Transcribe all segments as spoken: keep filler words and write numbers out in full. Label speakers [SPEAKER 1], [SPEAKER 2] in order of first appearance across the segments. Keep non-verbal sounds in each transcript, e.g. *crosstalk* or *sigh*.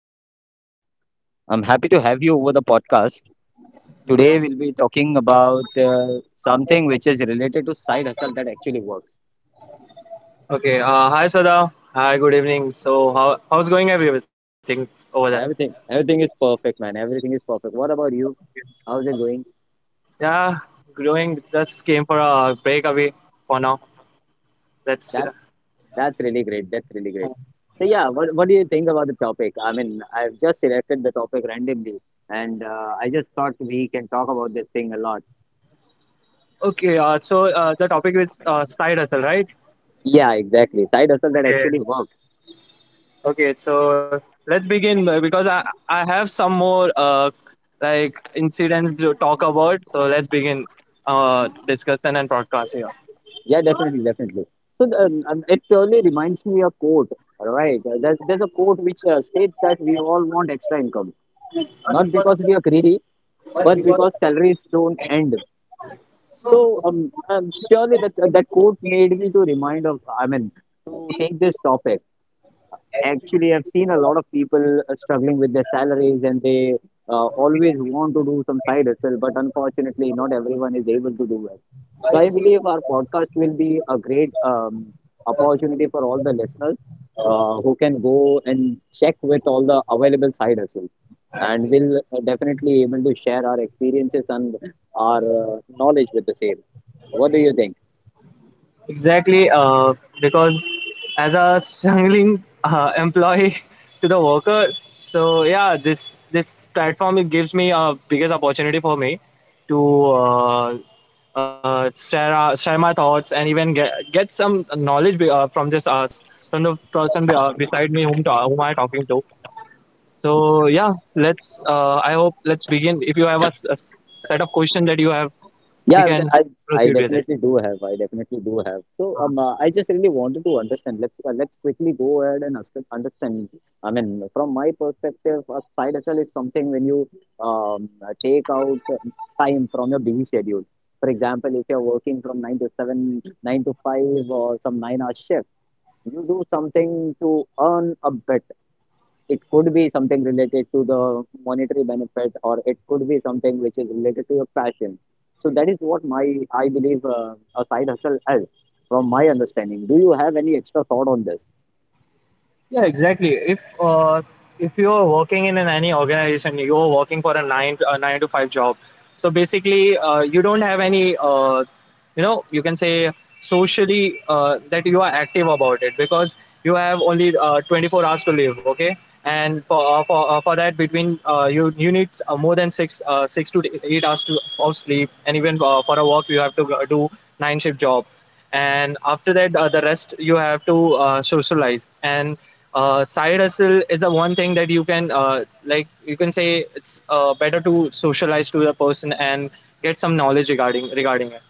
[SPEAKER 1] good evening. I'm happy to have you over the podcast. Today we'll be talking about uh, something which is related to side hustle that actually works.
[SPEAKER 2] Okay. Uh, hi, Sada. Hi. Good evening. So, how how's going everything over there?
[SPEAKER 1] Everything, everything is perfect, man. Everything is perfect. What about you? How's it going?
[SPEAKER 2] Yeah, growing. Just came for a break away for now. That's uh,
[SPEAKER 1] That's that's really great. That's really great. So yeah, what what do you think about the topic? I mean, I've just selected the topic randomly, and uh, I just thought we can talk about this thing a lot.
[SPEAKER 2] Okay. Uh, so uh, the topic is uh, side hustle, right?
[SPEAKER 1] Yeah, exactly. Side hustle that
[SPEAKER 2] Okay.
[SPEAKER 1] actually works.
[SPEAKER 2] Okay. So let's begin uh, because I I have some more uh like incidents to talk about. So let's begin uh discussion and broadcast here.
[SPEAKER 1] Yeah, definitely, definitely. So um, um, it purely reminds me a quote, right? Uh, There's, there's a quote which uh, states that we all want extra income, not because we are greedy, but because salaries don't end. So um, um, purely that that quote made me to remind of, I mean, to take this topic. Actually, I've seen a lot of people uh, struggling with their salaries and they uh, always want to do some side hustle, but unfortunately, not everyone is able to do it. So, I believe our podcast will be a great um, opportunity for all the listeners uh, who can go and check with all the available side hustles. And we'll uh, definitely able to share our experiences and our uh, knowledge with the same. What do you think?
[SPEAKER 2] Exactly, uh, because as a struggling uh, *laughs* employee to the workers, so yeah, this this platform it gives me a biggest opportunity for me to uh, uh, share uh, share my thoughts, and even get get some knowledge be- uh, from this uh, s- from the person be, uh, beside me, whom, ta- whom I'm talking to. So yeah, let's. Uh, I hope let's begin. If you have a, s- a set of questions that you have, we
[SPEAKER 1] Yeah, I've
[SPEAKER 2] can
[SPEAKER 1] de- I
[SPEAKER 2] proceed
[SPEAKER 1] I
[SPEAKER 2] with it.
[SPEAKER 1] definitely do have. I definitely do have. So um, uh, I just really wanted to understand. Let's uh, let's quickly go ahead and us- understand. I mean, from my perspective, a side hustle is something when you um uh, take out uh, time from your busy schedule. For example, if you're working from nine to seven, nine to five, or some nine-hour shift, you do something to earn a bit. It could be something related to the monetary benefit or it could be something which is related to your passion. So that is what my, I believe uh, a side hustle is, from my understanding. Do you have any extra thought on this?
[SPEAKER 2] Yeah, exactly. If uh, if you are working in an, any organization, you are working for a nine to, a nine to five job. So basically, uh, you don't have any, uh, you know, you can say socially uh, that you are active about it, because you have only uh, twenty four hours to live. Okay, and for uh, for uh, for that between uh, you you need uh, more than six uh, six to eight hours to, of sleep, and even uh, for a work you have to uh, do nine shift job, and after that uh, the rest you have to uh, socialize. And uh, side hustle is the one thing that you can uh, like, you can say it's uh, better to socialize to the person and get some knowledge regarding regarding it,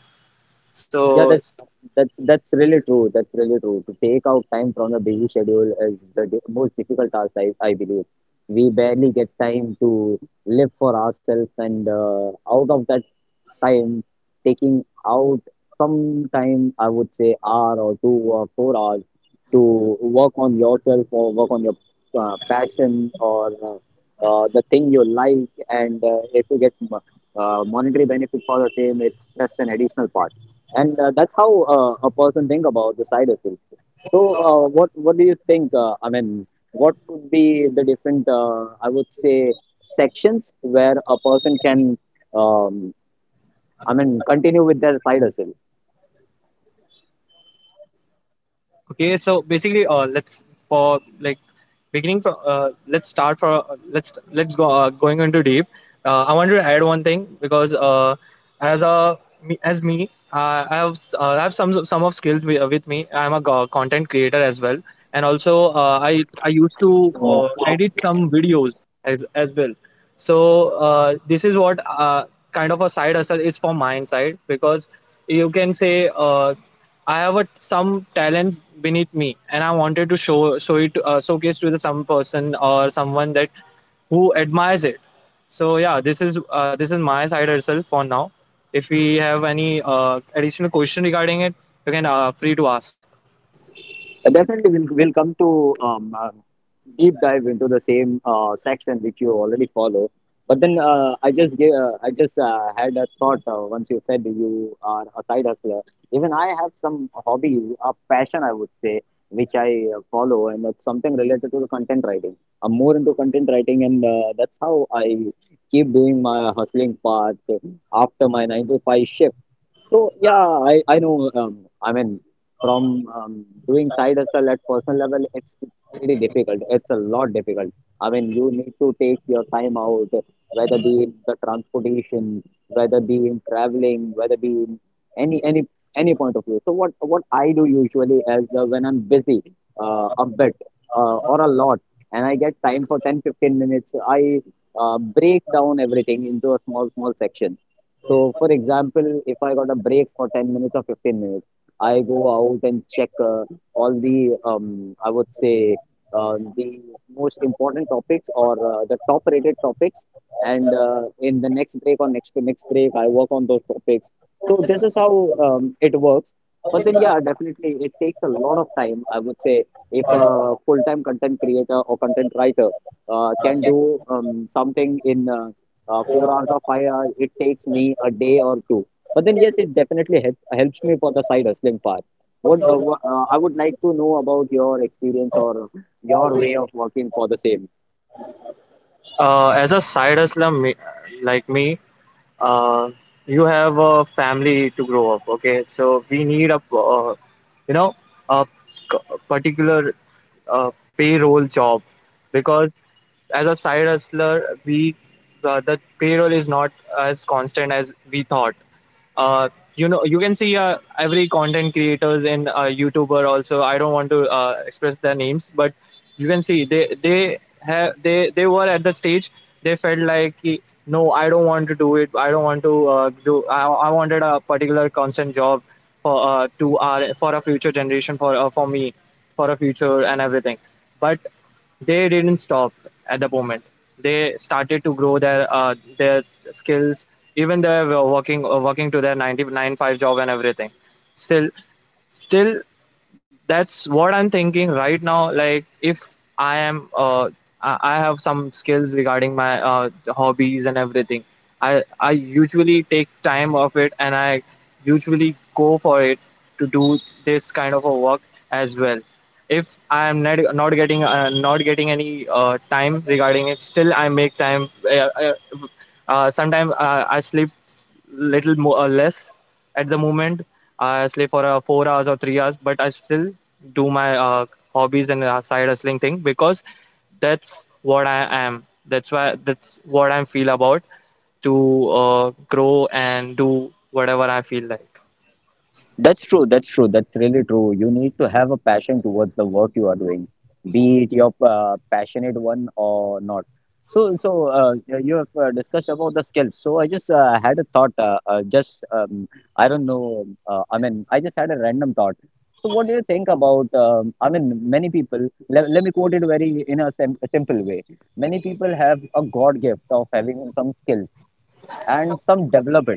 [SPEAKER 1] Yeah,
[SPEAKER 2] so.
[SPEAKER 1] that's that that's really true. That's really true. To take out time from the busy schedule is the di- most difficult task, I, I believe. We barely get time to live for ourselves, and uh, out of that time, taking out some time, I would say hour or two or four hours to work on yourself or work on your uh, passion or uh, uh, the thing you like, and uh, if you get mo- uh, monetary benefit for the same, it's just an additional part and uh, that's how uh, a person think about the side effects. So, uh, what what do you think? Uh, I mean, what could be the different? Uh, I would say sections where a person can, um, I mean, continue with their side hustle.
[SPEAKER 2] Okay, so basically, uh, let's for like beginning from uh, let's start for uh, let's let's go uh, going into deep. Uh, I want to add one thing because uh, as a me- as me, uh, I have s- uh, I have some some of skills wi- uh, with me. I'm a go- content creator as well, and also uh, I I used to
[SPEAKER 1] So,
[SPEAKER 2] uh, edit some videos as as well. So uh, this is what uh, kind of a side hustle is from my side, because you can say. Uh, I have a, some talents beneath me, and I wanted to show show it uh, showcase to the some person or someone that who admires it. So yeah, this is uh, this is my side herself for now. If we have any uh, additional question regarding it, you can uh, free to ask.
[SPEAKER 1] uh, definitely, we'll we'll come to um, uh, deep dive into the same uh, section which you already follow. But then uh, I just gave, uh, I just uh, had a thought uh, once you said you are a side hustler. Even I have some hobbies, a passion I would say, which I uh, follow, and that's something related to the content writing. I'm more into content writing, and uh, that's how I keep doing my hustling part after my nine to five shift. So yeah, I I know. Um, I mean, from um, doing side hustle at personal level, it's pretty difficult. It's a lot difficult. I mean, you need to take your time out, whether be in the transportation, whether be in traveling, whether be in any any any point of view. So what what I do usually is uh, when I'm busy, uh, a bit uh, or a lot, and I get time for ten fifteen minutes, I uh, break down everything into a small small section. So, for example, if I got a break for ten minutes or fifteen minutes, I go out and check uh, all the, um, I would say, uh, the most important topics or uh, the top rated topics. And uh, in the next break or next to next break, I work on those topics. So, this is how um, it works. But then, yeah, definitely it takes a lot of time. I would say if a full time content creator or content writer uh, can do um, something in uh, uh, four hours or five hours, it takes me a day or two. But then, yes, it definitely helps helps me for the side hustling part. What uh, wha- uh, I would like to know about your experience or your way of working for the same.
[SPEAKER 2] Uh, as a side hustler me, like me, uh, you have a family to grow up. Okay, so we need a uh, you know a c- particular uh, payroll job, because as a side hustler, we the, the payroll is not as constant as we thought. Uh, you know, you can see uh, every content creators and uh, YouTuber also. I don't want to uh, express their names, but you can see they they have they they were at the stage. They felt like, "Ki, no, I don't want to do it. I don't want to uh, do. I, I wanted a particular constant job for uh, to our for a future generation, for uh, for me, for a future and everything." But they didn't stop at the moment. They started to grow their uh, their skills. Even they were working uh, working to their nine nine five job and everything. Still, still that's what I'm thinking right now. Like, if I am uh, i I have some skills regarding my uh, hobbies and everything, i i usually take time of it, and I usually go for it to do this kind of a work as well. If I am not, not getting uh, not getting any uh, time regarding it, still I make time. uh, uh, uh, Sometimes uh, I sleep little more or less at the moment. I sleep for uh, four hours or three hours, but I still do my uh, hobbies and uh, side hustling thing, because that's what I am. That's why that's what I feel about, to uh, grow and do whatever I feel like.
[SPEAKER 1] That's true. That's true. That's really true. You need to have a passion towards the work you are doing, be it your uh, passionate one or not. So, so uh, you you have uh, discussed about the skills. So, I just uh, had a thought. Uh, uh, just um, I don't know. Uh, I mean, I just had a random thought. So, what do you think about? Um, I mean, many people. Let, let me quote it very in a, sim a simple way. Many people have a God gift of having some skills and some develop it.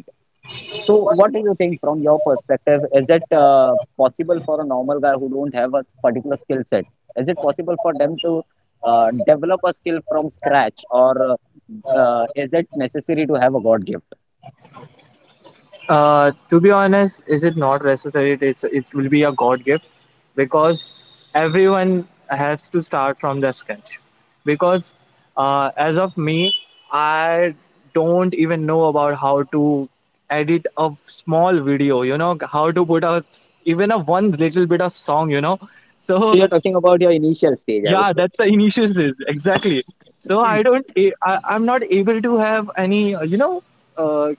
[SPEAKER 1] So, what do you think from your perspective? Is it uh, possible for a normal guy who don't have a s- particular skill set? Is it possible for them to uh, develop a skill from scratch, or uh, is it necessary to have a God gift?
[SPEAKER 2] Uh, to be honest, is it not necessary? It's it will be a God gift, because everyone has to start from the scratch. Because uh, as of me, I don't even know about how to edit a small video. You know how to put a even a one little bit of song. You know,
[SPEAKER 1] So
[SPEAKER 2] so
[SPEAKER 1] you're talking about your initial stage, I would
[SPEAKER 2] yeah,
[SPEAKER 1] say.
[SPEAKER 2] that's the initial stage exactly. So I don't, I, I'm not able to have any, you know, uh,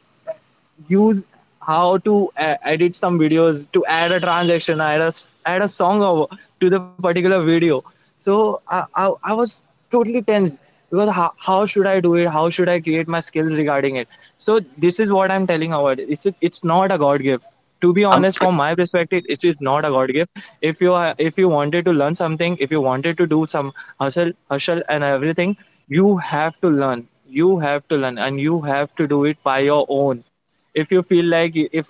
[SPEAKER 2] use how to uh, edit some videos to add a transaction, add a, s- add a song over to the particular video. So I, I, I was totally tense, because how, how should I do it? How should I create my skills regarding it? So this is what I'm telling about. It's it's not a God gift. To be
[SPEAKER 1] Um.
[SPEAKER 2] honest, from my perspective, it is not a God gift. If you are if you wanted to learn something, if you wanted to do some hustle hustle and everything, you have to learn you have to learn, and you have to do it by your own. If you feel like you- if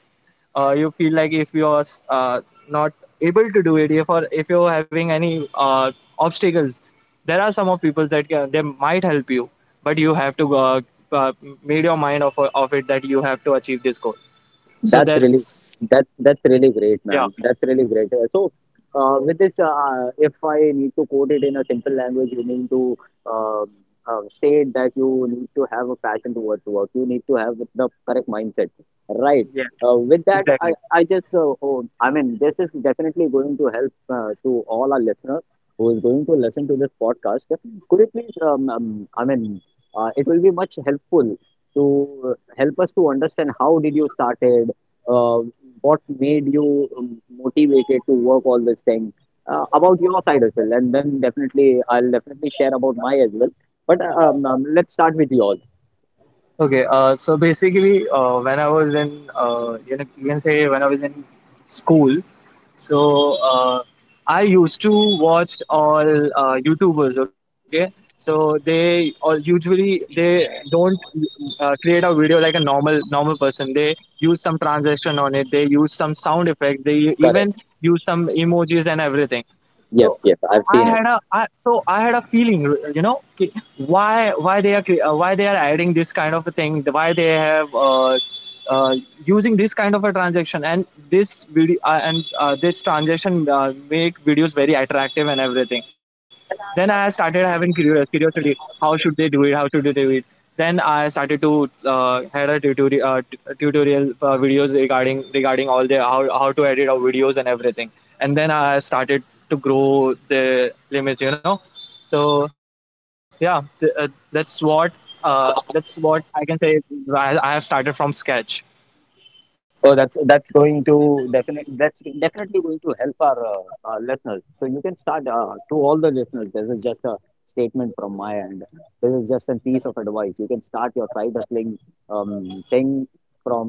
[SPEAKER 2] uh, you feel like if you are uh, not able to do it, if or if you're having any uh, obstacles, there are some of people that can, they might help you, but you have to uh, uh, made your mind of, of it, that you have to achieve this goal. So
[SPEAKER 1] That's really
[SPEAKER 2] that's,
[SPEAKER 1] that that's really great,
[SPEAKER 2] yeah,
[SPEAKER 1] man. That's really great. Uh, So, uh, with this, uh, uh, if I need to quote it in a simple language, you need to um uh, state that you need to have a passion towards work. You need to have the correct mindset, right?
[SPEAKER 2] yeah,
[SPEAKER 1] Uh, with that,
[SPEAKER 2] exactly.
[SPEAKER 1] I I just uh, oh, I mean, this is definitely going to help uh, to all our listeners who is going to listen to this podcast. Could you please, um, um I mean, uh, it will be much helpful to uh, help us to understand how did you started uh, what made you um, motivated to work all this time uh, about your side as well and then definitely I'll definitely share about my as well but um, um, let's start with yours.
[SPEAKER 2] Okay, uh, so basically, uh, when I was in, uh, you know, you can say when I was in school. So uh, I used to watch all uh, YouTubers. Okay, so they all usually they don't uh, create a video like a normal normal person. They use some transition on it. They use some sound effect. They
[SPEAKER 1] Correct.
[SPEAKER 2] even use some emojis and everything.
[SPEAKER 1] Yep,
[SPEAKER 2] So
[SPEAKER 1] yep, I've
[SPEAKER 2] I had
[SPEAKER 1] seen
[SPEAKER 2] a
[SPEAKER 1] it.
[SPEAKER 2] I, so I had a feeling, you know, ki- why why they are cre- uh, why they are adding this kind of a thing, why they have uh, uh, using this kind of a transaction, and this video, uh, and uh, this transaction uh, make videos very attractive and everything. Then I started having curious curiosity. How should they do it? How should they do it? Then I started to uh, had a tutorial uh, t- tutorial uh, videos regarding regarding all the, how, how to edit our videos and everything. And then I started to grow the limits, you know. So yeah, th- uh, that's what uh, that's what I can say. I, I have started from sketch.
[SPEAKER 1] Oh, that's that's going to definitely, that's definitely going to help our uh, uh, listeners. So you can start, uh, to all the listeners, this is just a statement from my end. This is just a piece of advice. You can start your side hustling um, thing from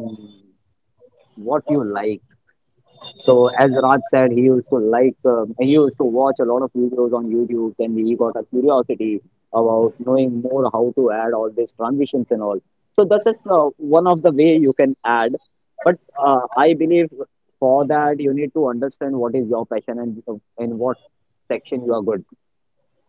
[SPEAKER 1] what you like. So as Raj said, he used to like, um, he used to watch a lot of videos on YouTube. Then he got a curiosity about knowing more how to add all these transitions and all. So that's just uh, one of the way you can add. But uh, I believe for that you need to understand what is your passion and uh, in what section you are good.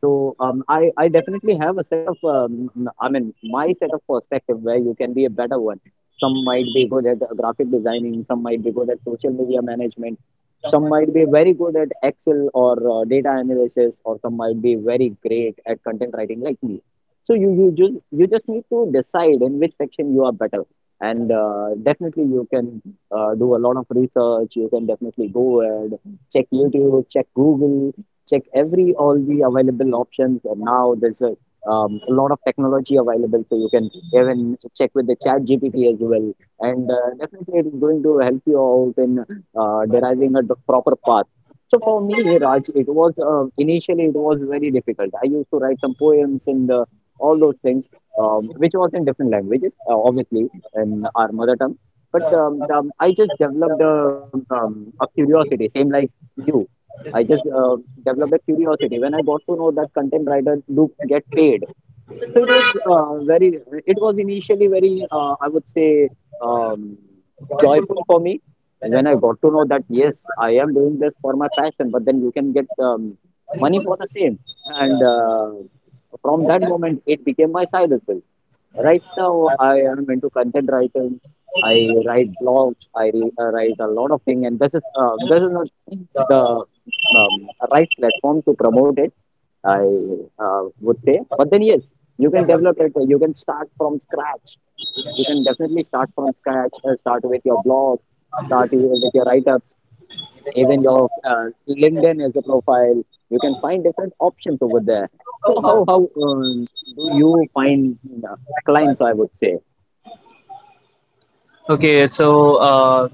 [SPEAKER 1] So um, I, I definitely have a set of, um, I mean, my set of perspective where you can be a better one. Some might be good at uh, graphic designing, some might be good at social media management, some might be very good at Excel or uh, data analysis, or some might be very great at content writing like me. So you you just you just need to decide in which section you are better, and uh, definitely you can uh, do a lot of research. You can definitely go and check YouTube, check Google, check every all the available options. And now there's a, um, a lot of technology available, so you can even check with the Chat G P T as well. And uh, definitely, it's going to help you out in uh, deriving a d- proper path. So for me, Raj, it was uh, initially it was very difficult. I used to write some poems and uh, all those things, um, which was in different languages, uh, obviously, in our mother tongue. But um, um, I just developed a, um, a curiosity, same like you. I just uh, developed a curiosity when I got to know that content writers do get paid. So it was uh, very, it was initially very, uh, I would say, um, joyful for me when I got to know that yes, I am doing this for my passion, but then you can get um, money for the same. And uh, from that moment, it became my side hustle. Right now, I am into content writing. I write blogs. I re- uh, write a lot of things, and this is uh, this is not the um, right platform to promote it. I uh, would say, but then yes, you can develop it. You can start from scratch. You can definitely start from scratch. uh, Start with your blog. Start with your write-ups, even your uh, linkedin is a profile, you can find different options over there. So how how um, do you find uh, clients, I would say?
[SPEAKER 2] Okay, so uh,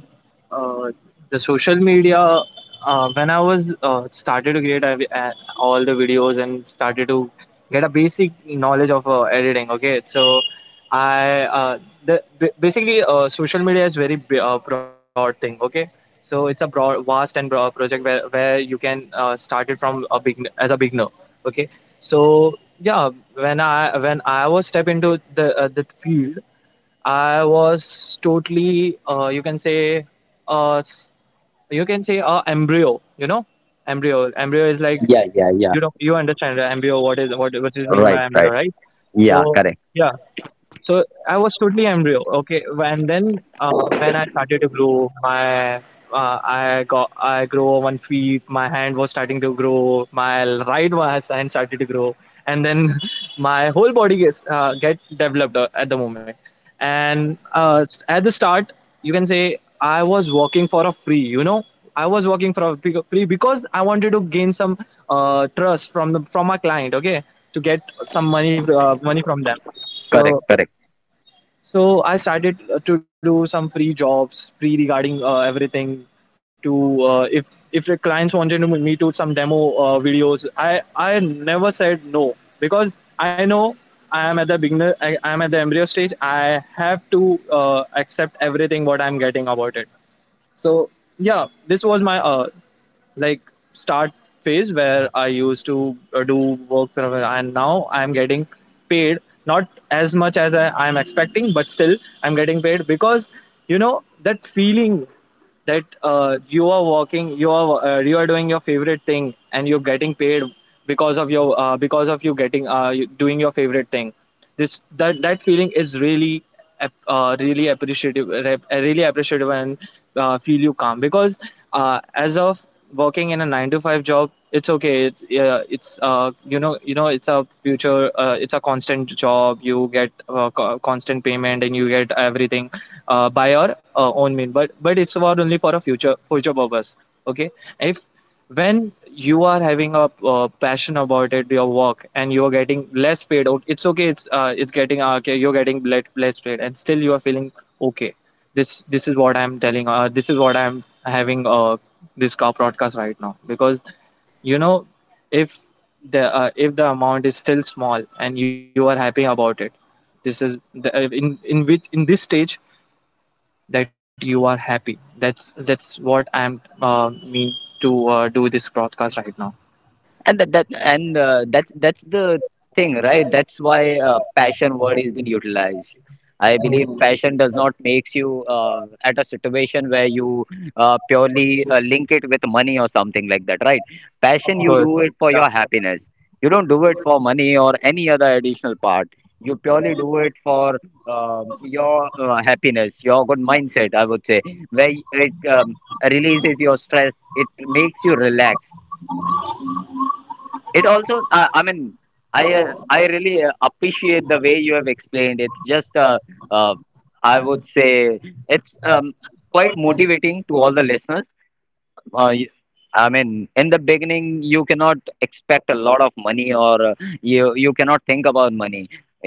[SPEAKER 2] uh, the social media. Uh, when I was uh, started to create I, uh, all the videos and started to get a basic knowledge of uh, editing. Okay, so I uh, the ba- basically uh, social media is very b- uh, broad thing. Okay, so it's a broad, vast and broad project, where where you can uh, start it from a begin as a beginner. Okay, so yeah, when I when I was step into the uh, the field. I was totally, uh, you can say, uh, s- you can say, uh, embryo. You know, embryo. Embryo is like,
[SPEAKER 1] Yeah, yeah, yeah.
[SPEAKER 2] you know you understand the embryo. What is what what is mean
[SPEAKER 1] Right,
[SPEAKER 2] by embryo,
[SPEAKER 1] right.
[SPEAKER 2] right?
[SPEAKER 1] Yeah,
[SPEAKER 2] So
[SPEAKER 1] correct.
[SPEAKER 2] yeah, so I was totally embryo. Okay, and then uh, when I started to grow, my uh, I got I grow one feet. My hand was starting to grow. My right was hand started to grow, and then *laughs* my whole body gets uh, get developed uh, at the moment. And uh, s- at the start, you can say I was working for a free. You know, I was working for a big- free, because I wanted to gain some uh, trust from the from my client. Okay, to get some money uh, money from them. So
[SPEAKER 1] Correct, correct.
[SPEAKER 2] so I started uh, to do some free jobs, free regarding uh, everything. To uh, if if the clients wanted to- me to some demo uh, videos, I I never said no, because I know I am at the beginner. I I am at the embryo stage. I have to uh, accept everything what I'm getting about it, so yeah, this was my uh like start phase where I used to uh, do work from where- and now I'm getting paid, not as much as I, I'm expecting, but still I'm getting paid because you know that feeling that uh, you are working, you are uh, you are doing your favorite thing and you're getting paid because of your uh, because of you getting uh, you- doing your favorite thing. This that that feeling is really ap- uh, really appreciative, rep- uh, really appreciative and uh, feel you calm because uh, as of working in a nine to five job, it's okay, it's, yeah, it's uh, you know you know it's a future, uh, it's a constant job. You get uh, co- constant payment and you get everything uh, by your uh, own mean, but but it's for only for a future future purpose. Okay, if when you are having a uh, passion about it, your work, and you are getting less paid, okay, it's okay, it's uh, it's getting uh, okay, you're getting let, less paid and still you are feeling okay. This this is what I'm telling, uh, this is what I'm having uh, this car broadcast right now, because you know, if the uh, if the amount is still small and you are happy about it, this is the, uh, in in which in this stage that you are happy. That's that's what I'm uh, mean to uh, do this broadcast right now.
[SPEAKER 1] and that, that and uh, that's that's the thing, right? That's why uh, passion word is being utilized. I believe passion does not makes you uh, at a situation where you uh, purely uh, link it with money or something like that, right? Passion,
[SPEAKER 2] Good.
[SPEAKER 1] you do it
[SPEAKER 2] Yeah.
[SPEAKER 1] for your happiness. You don't do it for money or any other additional part. You purely do it for um your uh, happiness, your good mindset, I would say, where it um, releases your stress. It makes you relax. It also uh, i mean i uh, i really uh, appreciate the way you have explained. It's just uh, uh, I would say it's um, quite motivating to all the listeners. uh, y- I mean, in the beginning, you cannot expect a lot of money, or uh, you you cannot think about money.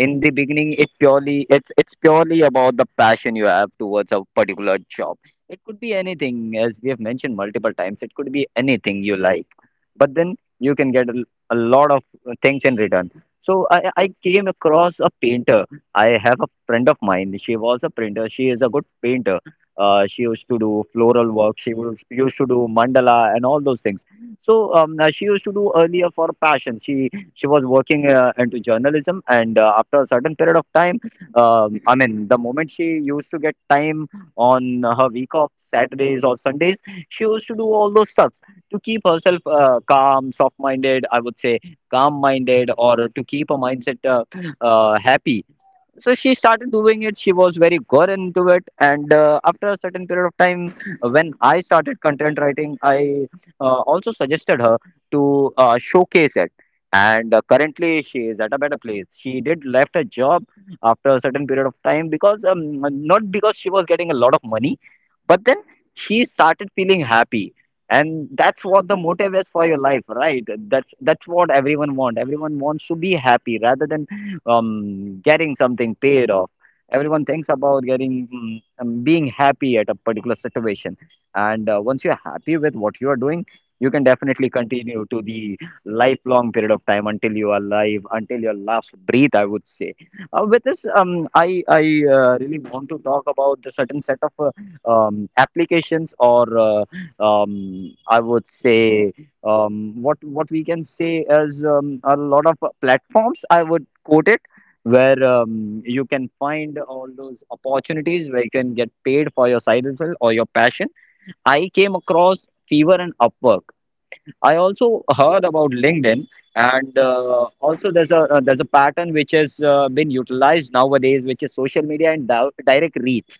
[SPEAKER 1] In the beginning, it purely it's it's purely about the passion you have towards a particular job. It could be anything, as we have mentioned multiple times. It could be anything you like, but then you can get a, l- a lot of uh, things in return. So I I came across a painter. I have a friend of mine. She was a printer. She is a good painter. Uh, she used to do floral work. She was, used to do mandala and all those things. So um, uh, she used to do earlier for passion. She she was working uh, into journalism, and uh, after a certain period of time, um, I mean, the moment she used to get time on her week off, Saturdays or Sundays, she used to do all those stuffs to keep herself uh, calm, soft-minded, I would say, calm-minded, or to keep her mindset uh, uh, happy. So she started doing it. She was very good into it, and uh, after a certain period of time, uh, when I started content writing, I uh, also suggested her to uh, showcase it. And uh, currently she is at a better place. She did left her job after a certain period of time, because um, not because she was getting a lot of money, but then she started feeling happy. And that's what the motive is for your life, right? that's that's what everyone want everyone wants to be happy rather than um getting something paid off. Everyone thinks about getting mm, um, being happy at a particular situation. And uh, once you're happy with what you are doing, you can definitely continue to the lifelong period of time until you are alive, until your last breath, I would say. Uh, with this, um I I uh, really want to talk about the certain set of uh, um, applications or uh, um, I would say um, what what we can say is um, a lot of platforms, I would quote it, where um, you can find all those opportunities where you can get paid for your side hustle or your passion. I came across Fever and Upwork. I also heard about LinkedIn, and uh, also there's a uh, there's a pattern which has uh, been utilized nowadays, which is social media and di direct reach.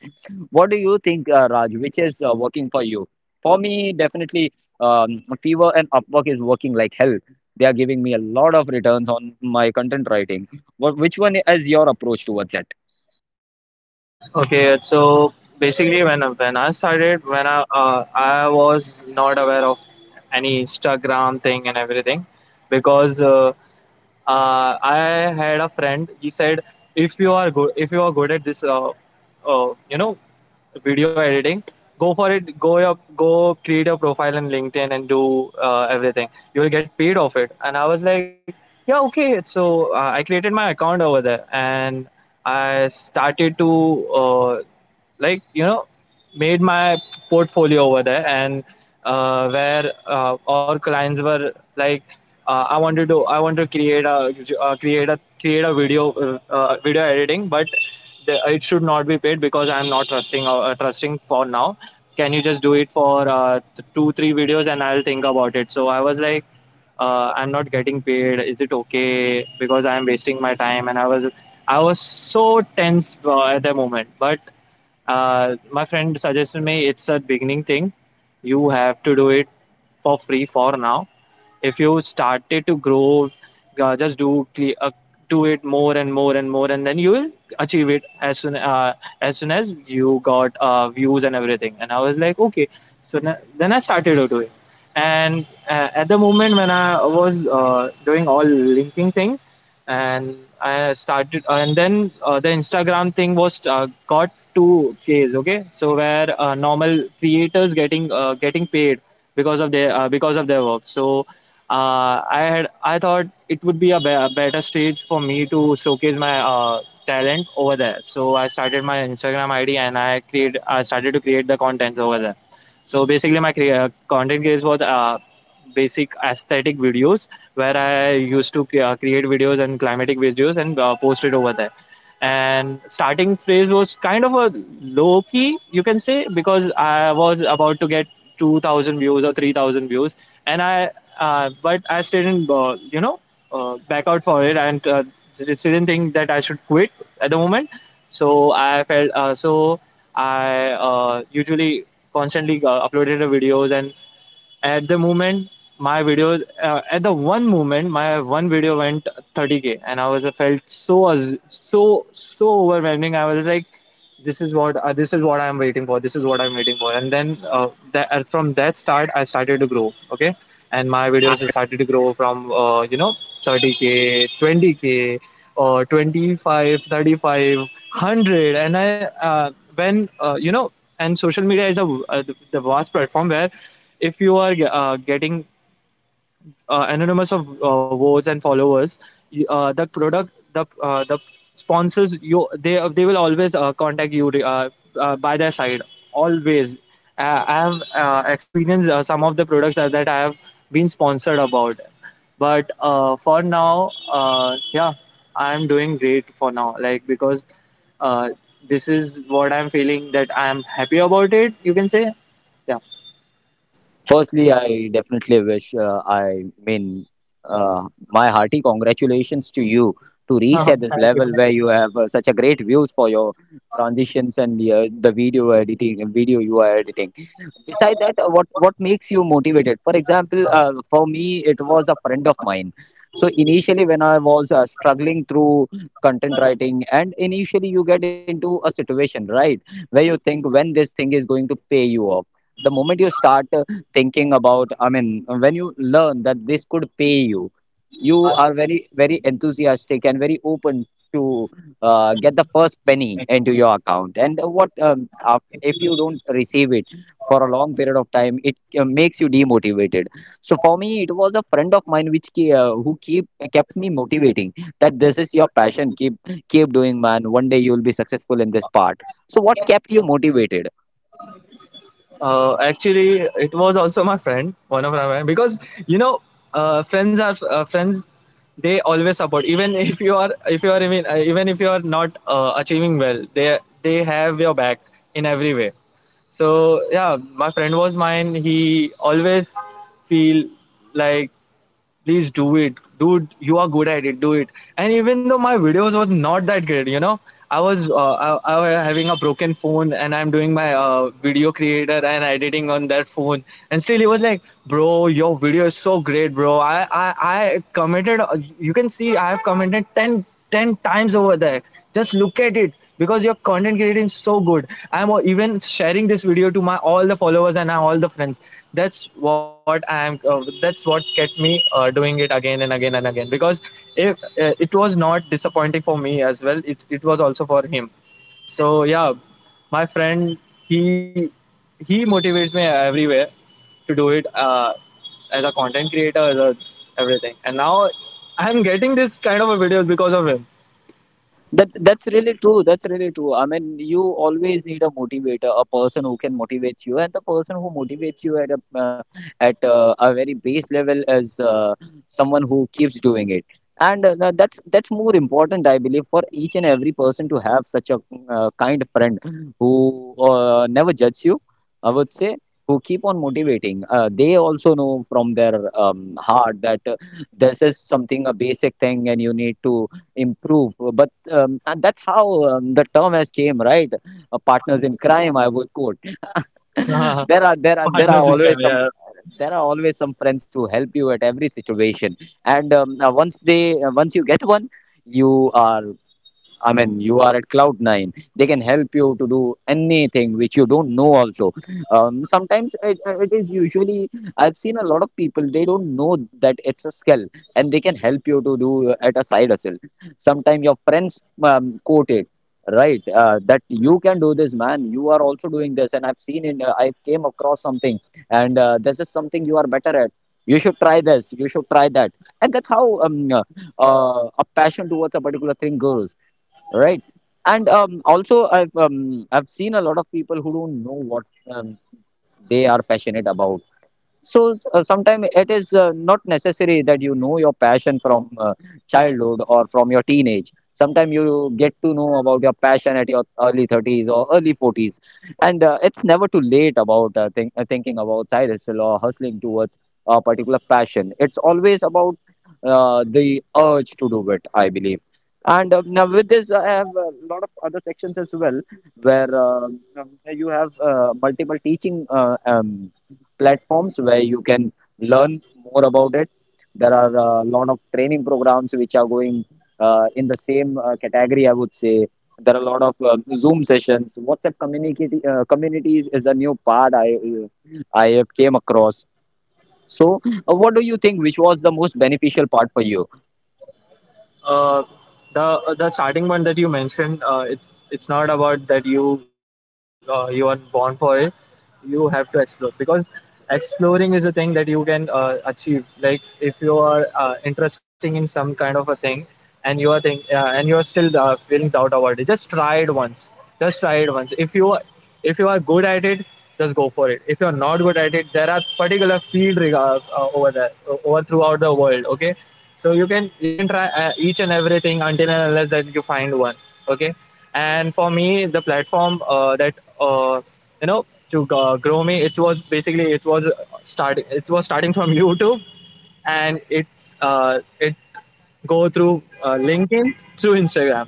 [SPEAKER 1] What do you think, uh, Raj? Which is uh, working for you? For me, definitely, um, Fiverr and Upwork is working like hell. They are giving me a lot of returns on my content writing. What, which one is your approach towards that?
[SPEAKER 2] Okay, so basically, when when I started, when I uh, I was not aware of any Instagram thing and everything, because uh, uh, I had a friend. He said, if you are good, if you are good at this, uh, uh, you know, video editing, go for it. Go up, go create your profile in LinkedIn and do uh, everything. You will get paid off it. And I was like, yeah, okay. So uh, I created my account over there and I started to uh, like you know made my portfolio over there and uh, where uh, our clients were like, uh, i wanted to I want to create a uh, create a create a video, uh, uh, video editing, but the, it should not be paid because I'm not trusting, uh, uh, trusting for now. Can you just do it for uh, th- two three videos and I'll think about it? So I was like, uh, I'm not getting paid, is it okay, because I'm wasting my time, and i was I was so tense uh, at the moment. But uh, my friend suggested me, it's a beginning thing. You have to do it for free for now. If you started to grow, uh, just do cle- uh, do it more and more and more, and then you will achieve it as soon uh, as soon as you got uh, views and everything. And I was like, okay. So na- then I started to do it. And uh, at the moment when I was uh, doing all linking thing and I started uh, and then uh, the Instagram thing was uh, got two k's, okay. So where uh, normal creators getting uh, getting paid because of their uh, because of their work. So uh, I had I thought it would be a, be- a better stage for me to showcase my uh, talent over there. So I started my Instagram I D and I create I started to create the contents over there. So basically, my crea- uh, content creation was uh, basic aesthetic videos where I used to cre- uh, create videos and climatic videos and uh, post it over there. And starting phase was kind of a low key, you can say, because I was about to get two thousand views or three thousand views, and I uh, but I still didn't, uh, you know, uh, back out for it, and uh, just didn't think that I should quit at the moment. So I felt uh, so I uh, usually constantly uh, uploaded the videos, and at the moment, my videos uh, at the one moment, my one video went thirty k, and i was I felt so, so, so overwhelming. I was like, this is what uh, this is what I'm waiting for, this is what I'm waiting for. And then uh, that, uh, from that start I started to grow, okay. And my videos started to grow from uh, you know thirty k, twenty k, or twenty-five, one hundred And I uh, when uh, you know, and social media is a uh, the vast platform where if you are uh, getting uh, anonymous of uh, votes and followers, y- uh, the product the uh, the sponsors, you, they they will always uh, contact you uh, uh, by their side. Always uh, I have uh, experienced uh, some of the products that, that I have been sponsored about. But uh, for now uh, yeah, I am doing great for now, like, because uh, this is what I'm feeling, that I am happy about it, you can say. Yeah.
[SPEAKER 1] Firstly, I definitely wish, uh, I mean, uh, my hearty congratulations to you to reach
[SPEAKER 2] *laughs*
[SPEAKER 1] at this
[SPEAKER 2] Thank you.
[SPEAKER 1] level where you have uh, such a great views for your transitions and the, uh, the video editing, video you are editing. Beside that, uh, what what makes you motivated? For example, uh, for me, it was a friend of mine. So initially, when I was uh, struggling through content writing, and initially you get into a situation, right, where you think when this thing is going to pay you off. The moment you start uh, thinking about, I mean, when you learn that this could pay you, you are very, very enthusiastic and very open to uh, get the first penny into your account. And what um, af- if you don't receive it for a long period of time, it uh, makes you demotivated. So for me, it was a friend of mine which ke- uh, who keep kept me motivating, that this is your passion. Keep keep doing, man. One day you will be successful in this part. So what kept you motivated?
[SPEAKER 2] Uh, actually, it was also my friend, one of my friend, because you know, uh, friends are uh, friends. They always support, even if you are, if you are even, uh, even if you are not uh, achieving well, they they have your back in every way. So yeah, my friend was mine. He always feel like, please do it, dude, you are good at it, do it. And even though my videos was not that great, you know, i was uh, I, I was having a broken phone and I'm doing my uh, video creator and editing on that phone. And still he was like, bro, your video is so great, bro, i i, I commented uh, you can see I have commented ten ten times over there, just look at it, because your content creating is so good, I'm even sharing this video to my all the followers and all the friends. That's what I'm uh, that's what kept me uh, doing it again and again and again, because if uh, it was not disappointing for me as well, it, it was also for him. So yeah, my friend, he he motivates me everywhere to do it uh, as a content creator, as a everything. And now I'm getting this kind of a videos because of him.
[SPEAKER 1] That's that's really true. That's really true. I mean, you always need a motivator, a person who can motivate you, and the person who motivates you at a uh, at uh, a very base level is uh, someone who keeps doing it. And uh, tha- that's that's more important, I believe, for each and every person to have such a uh, kind friend who uh, never judges you, I would say, who keep on motivating. Uh, they also know from their um, heart that uh, this is something a basic thing, and you need to improve. Um, and that's how um, the term has came, right? Uh, partners in crime, I would quote. *laughs* There
[SPEAKER 2] *laughs*
[SPEAKER 1] are there are there are
[SPEAKER 2] Partners in crime.
[SPEAKER 1] always some,
[SPEAKER 2] Yeah.
[SPEAKER 1] there are always some friends who help you at every situation. And um, uh, once they uh, once you get one, you are, I mean, you are at cloud nine. They can help you to do anything which you don't know. Also, um, sometimes it, it is usually, I've seen a lot of people they don't know that it's a skill and they can help you to do at a side hustle. Sometimes your friends um, quote it, right, uh, that you can do this, man. You are also doing this, and I've seen it. Uh, I came across something, and uh, this is something you are better at. You should try this. You should try that, and that's how um, uh, uh, a passion towards a particular thing goes. Right. And um, also, I've um, I've seen a lot of people who don't know what um, they are passionate about. So uh, sometimes it is uh, not necessary that you know your passion from uh, childhood or from your teenage. Sometimes you get to know about your passion at your early thirties or early forties. And uh, it's never too late about uh, think, uh, thinking about side hustle or hustling towards a particular passion. It's always about uh, the urge to do it, I believe. And uh, now with this, I have a lot of other sections as well, where uh, um, you have uh, multiple teaching uh, um, platforms where you can learn more about it. There are a lot of training programs which are going uh, in the same uh, category, I would say. There are a lot of um, Zoom sessions. WhatsApp community uh, communities is a new part I uh, I have came across. So, uh, what do you think? Which was the most beneficial part for you?
[SPEAKER 2] uh, the uh, the starting one that you mentioned, uh, it's it's not about that you uh, you are born for it. You have to explore, because exploring is a thing that you can uh, achieve. Like, if you are uh, interesting in some kind of a thing, and you are think uh, and you are still uh, feeling doubt about it, just try it once. Just try it once. If you, if you are good at it, just go for it. If you're not good at it, there are particular field regard, uh, uh, over there, o- over throughout the world. Okay, so you can, you can try uh, each and everything until and unless that you find one. Okay, and for me, the platform uh, that uh, you know to uh, grow me, it was basically it was starting, it was starting from *laughs* YouTube, and it's uh, it go through uh, LinkedIn, through Instagram,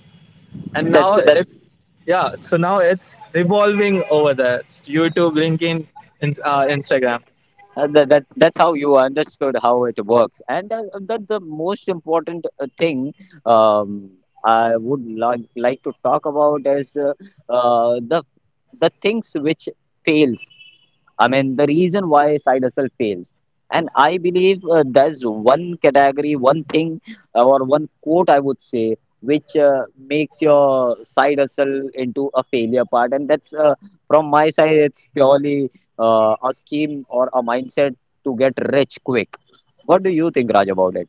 [SPEAKER 2] and now
[SPEAKER 1] That's
[SPEAKER 2] it,
[SPEAKER 1] that's
[SPEAKER 2] yeah, so now it's revolving over there, it's YouTube, LinkedIn, in, uh, Instagram.
[SPEAKER 1] Uh, that, that that's how you understood how it works. And uh, that the most important uh, thing, um, I would like like to talk about is uh, uh, the the things which fails, I mean, the reason why side hustle fails. And I believe uh, there's one category, one thing, uh, or one quote I would say, which uh, makes your side hustle into a failure part. And that's uh, from my side, it's purely uh, a scheme or a mindset to get rich quick. What do you think, Raj, about it?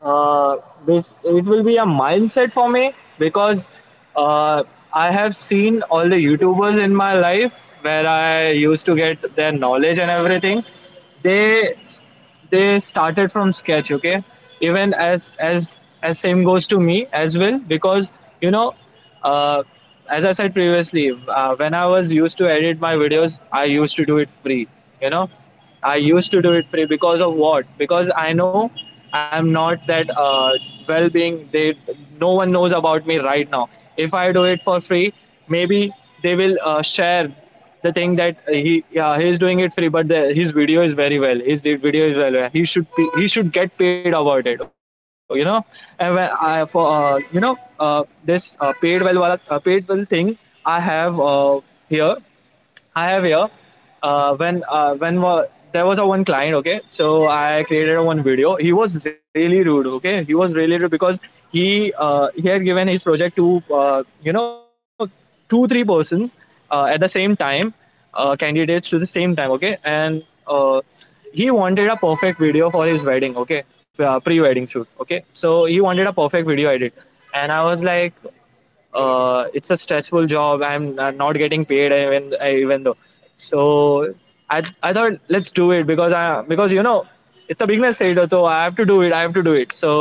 [SPEAKER 2] uh, bas- it will be a mindset for me, because uh, I have seen all the YouTubers in my life, where I used to get their knowledge and everything. They they started from sketch, okay. Even as as as same goes to me as well, because you know, uh, as I said previously, uh, when I was used to edit my videos, I used to do it free, you know, I used to do it free because of what? Because I know I'm not that uh, well-being. They No one knows about me right now. If I do it for free, maybe they will uh, share the thing that he, yeah, he's doing it free, but the, his video is very well. His de- video is well. He should be, he should get paid about it. You know, and when I for uh, you know uh, this uh, paid well wala, uh, paid well thing, I have uh, here I have here. Uh, when uh, when wa- there was a one client, okay, so I created a one video. He was really rude, okay. He was really rude because he uh, he had given his project to uh, you know two three persons uh, at the same time, uh, candidates to the same time, okay, and uh, he wanted a perfect video for his wedding, okay, uh, pre-wedding shoot, okay. So he wanted a perfect video edit, and I was like, uh, it's a stressful job, I'm uh, not getting paid, even uh, even though. So I I thought, let's do it, because I because you know, it's a business side, so I have to do it, I have to do it. So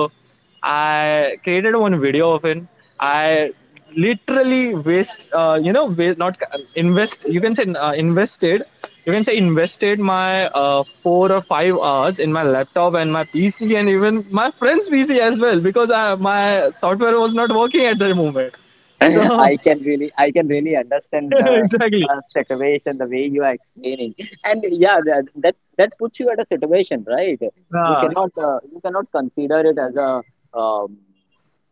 [SPEAKER 2] I created one video of it. I literally waste uh, you know wa- Not invest, you can say, uh, invested, you can say invested my uh, four or five hours in my laptop and my P C, and even my friend's P C as well, because I, my software was not working at that moment.
[SPEAKER 1] *laughs*
[SPEAKER 2] So
[SPEAKER 1] I can really, I can really understand the
[SPEAKER 2] *laughs* exactly.
[SPEAKER 1] uh, situation, the way you are explaining, and yeah, that that, that puts you at a situation, right? You
[SPEAKER 2] Yeah.
[SPEAKER 1] cannot, uh, you cannot consider it as a um,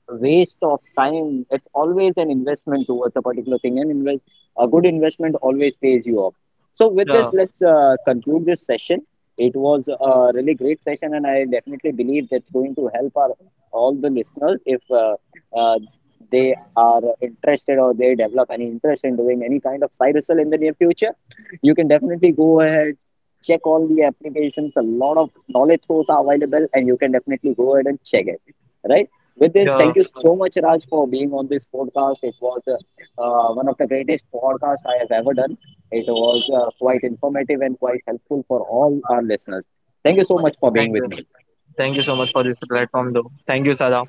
[SPEAKER 1] waste of time. It's always an investment towards a particular thing, and invest a good investment always pays you off. So
[SPEAKER 2] Yeah.
[SPEAKER 1] with this, let's uh, conclude this session. It was a really great session, and I definitely believe that's going to help our all the listeners if. Uh, uh, they are interested or they develop any interest in doing any kind of side hustle in the near future, you can definitely go ahead, check all the applications. A lot of knowledge sources are available, and you can definitely go ahead and check it. Right? With this,
[SPEAKER 2] Yeah.
[SPEAKER 1] thank you so much, Raj, for being on this podcast. It was uh, uh, one of the greatest podcasts I have ever done. It was uh, quite informative and quite helpful for all our listeners. Thank you so much for
[SPEAKER 2] Thank
[SPEAKER 1] being with
[SPEAKER 2] you.
[SPEAKER 1] me.
[SPEAKER 2] Thank you so much for this platform, though. Thank you, Sada.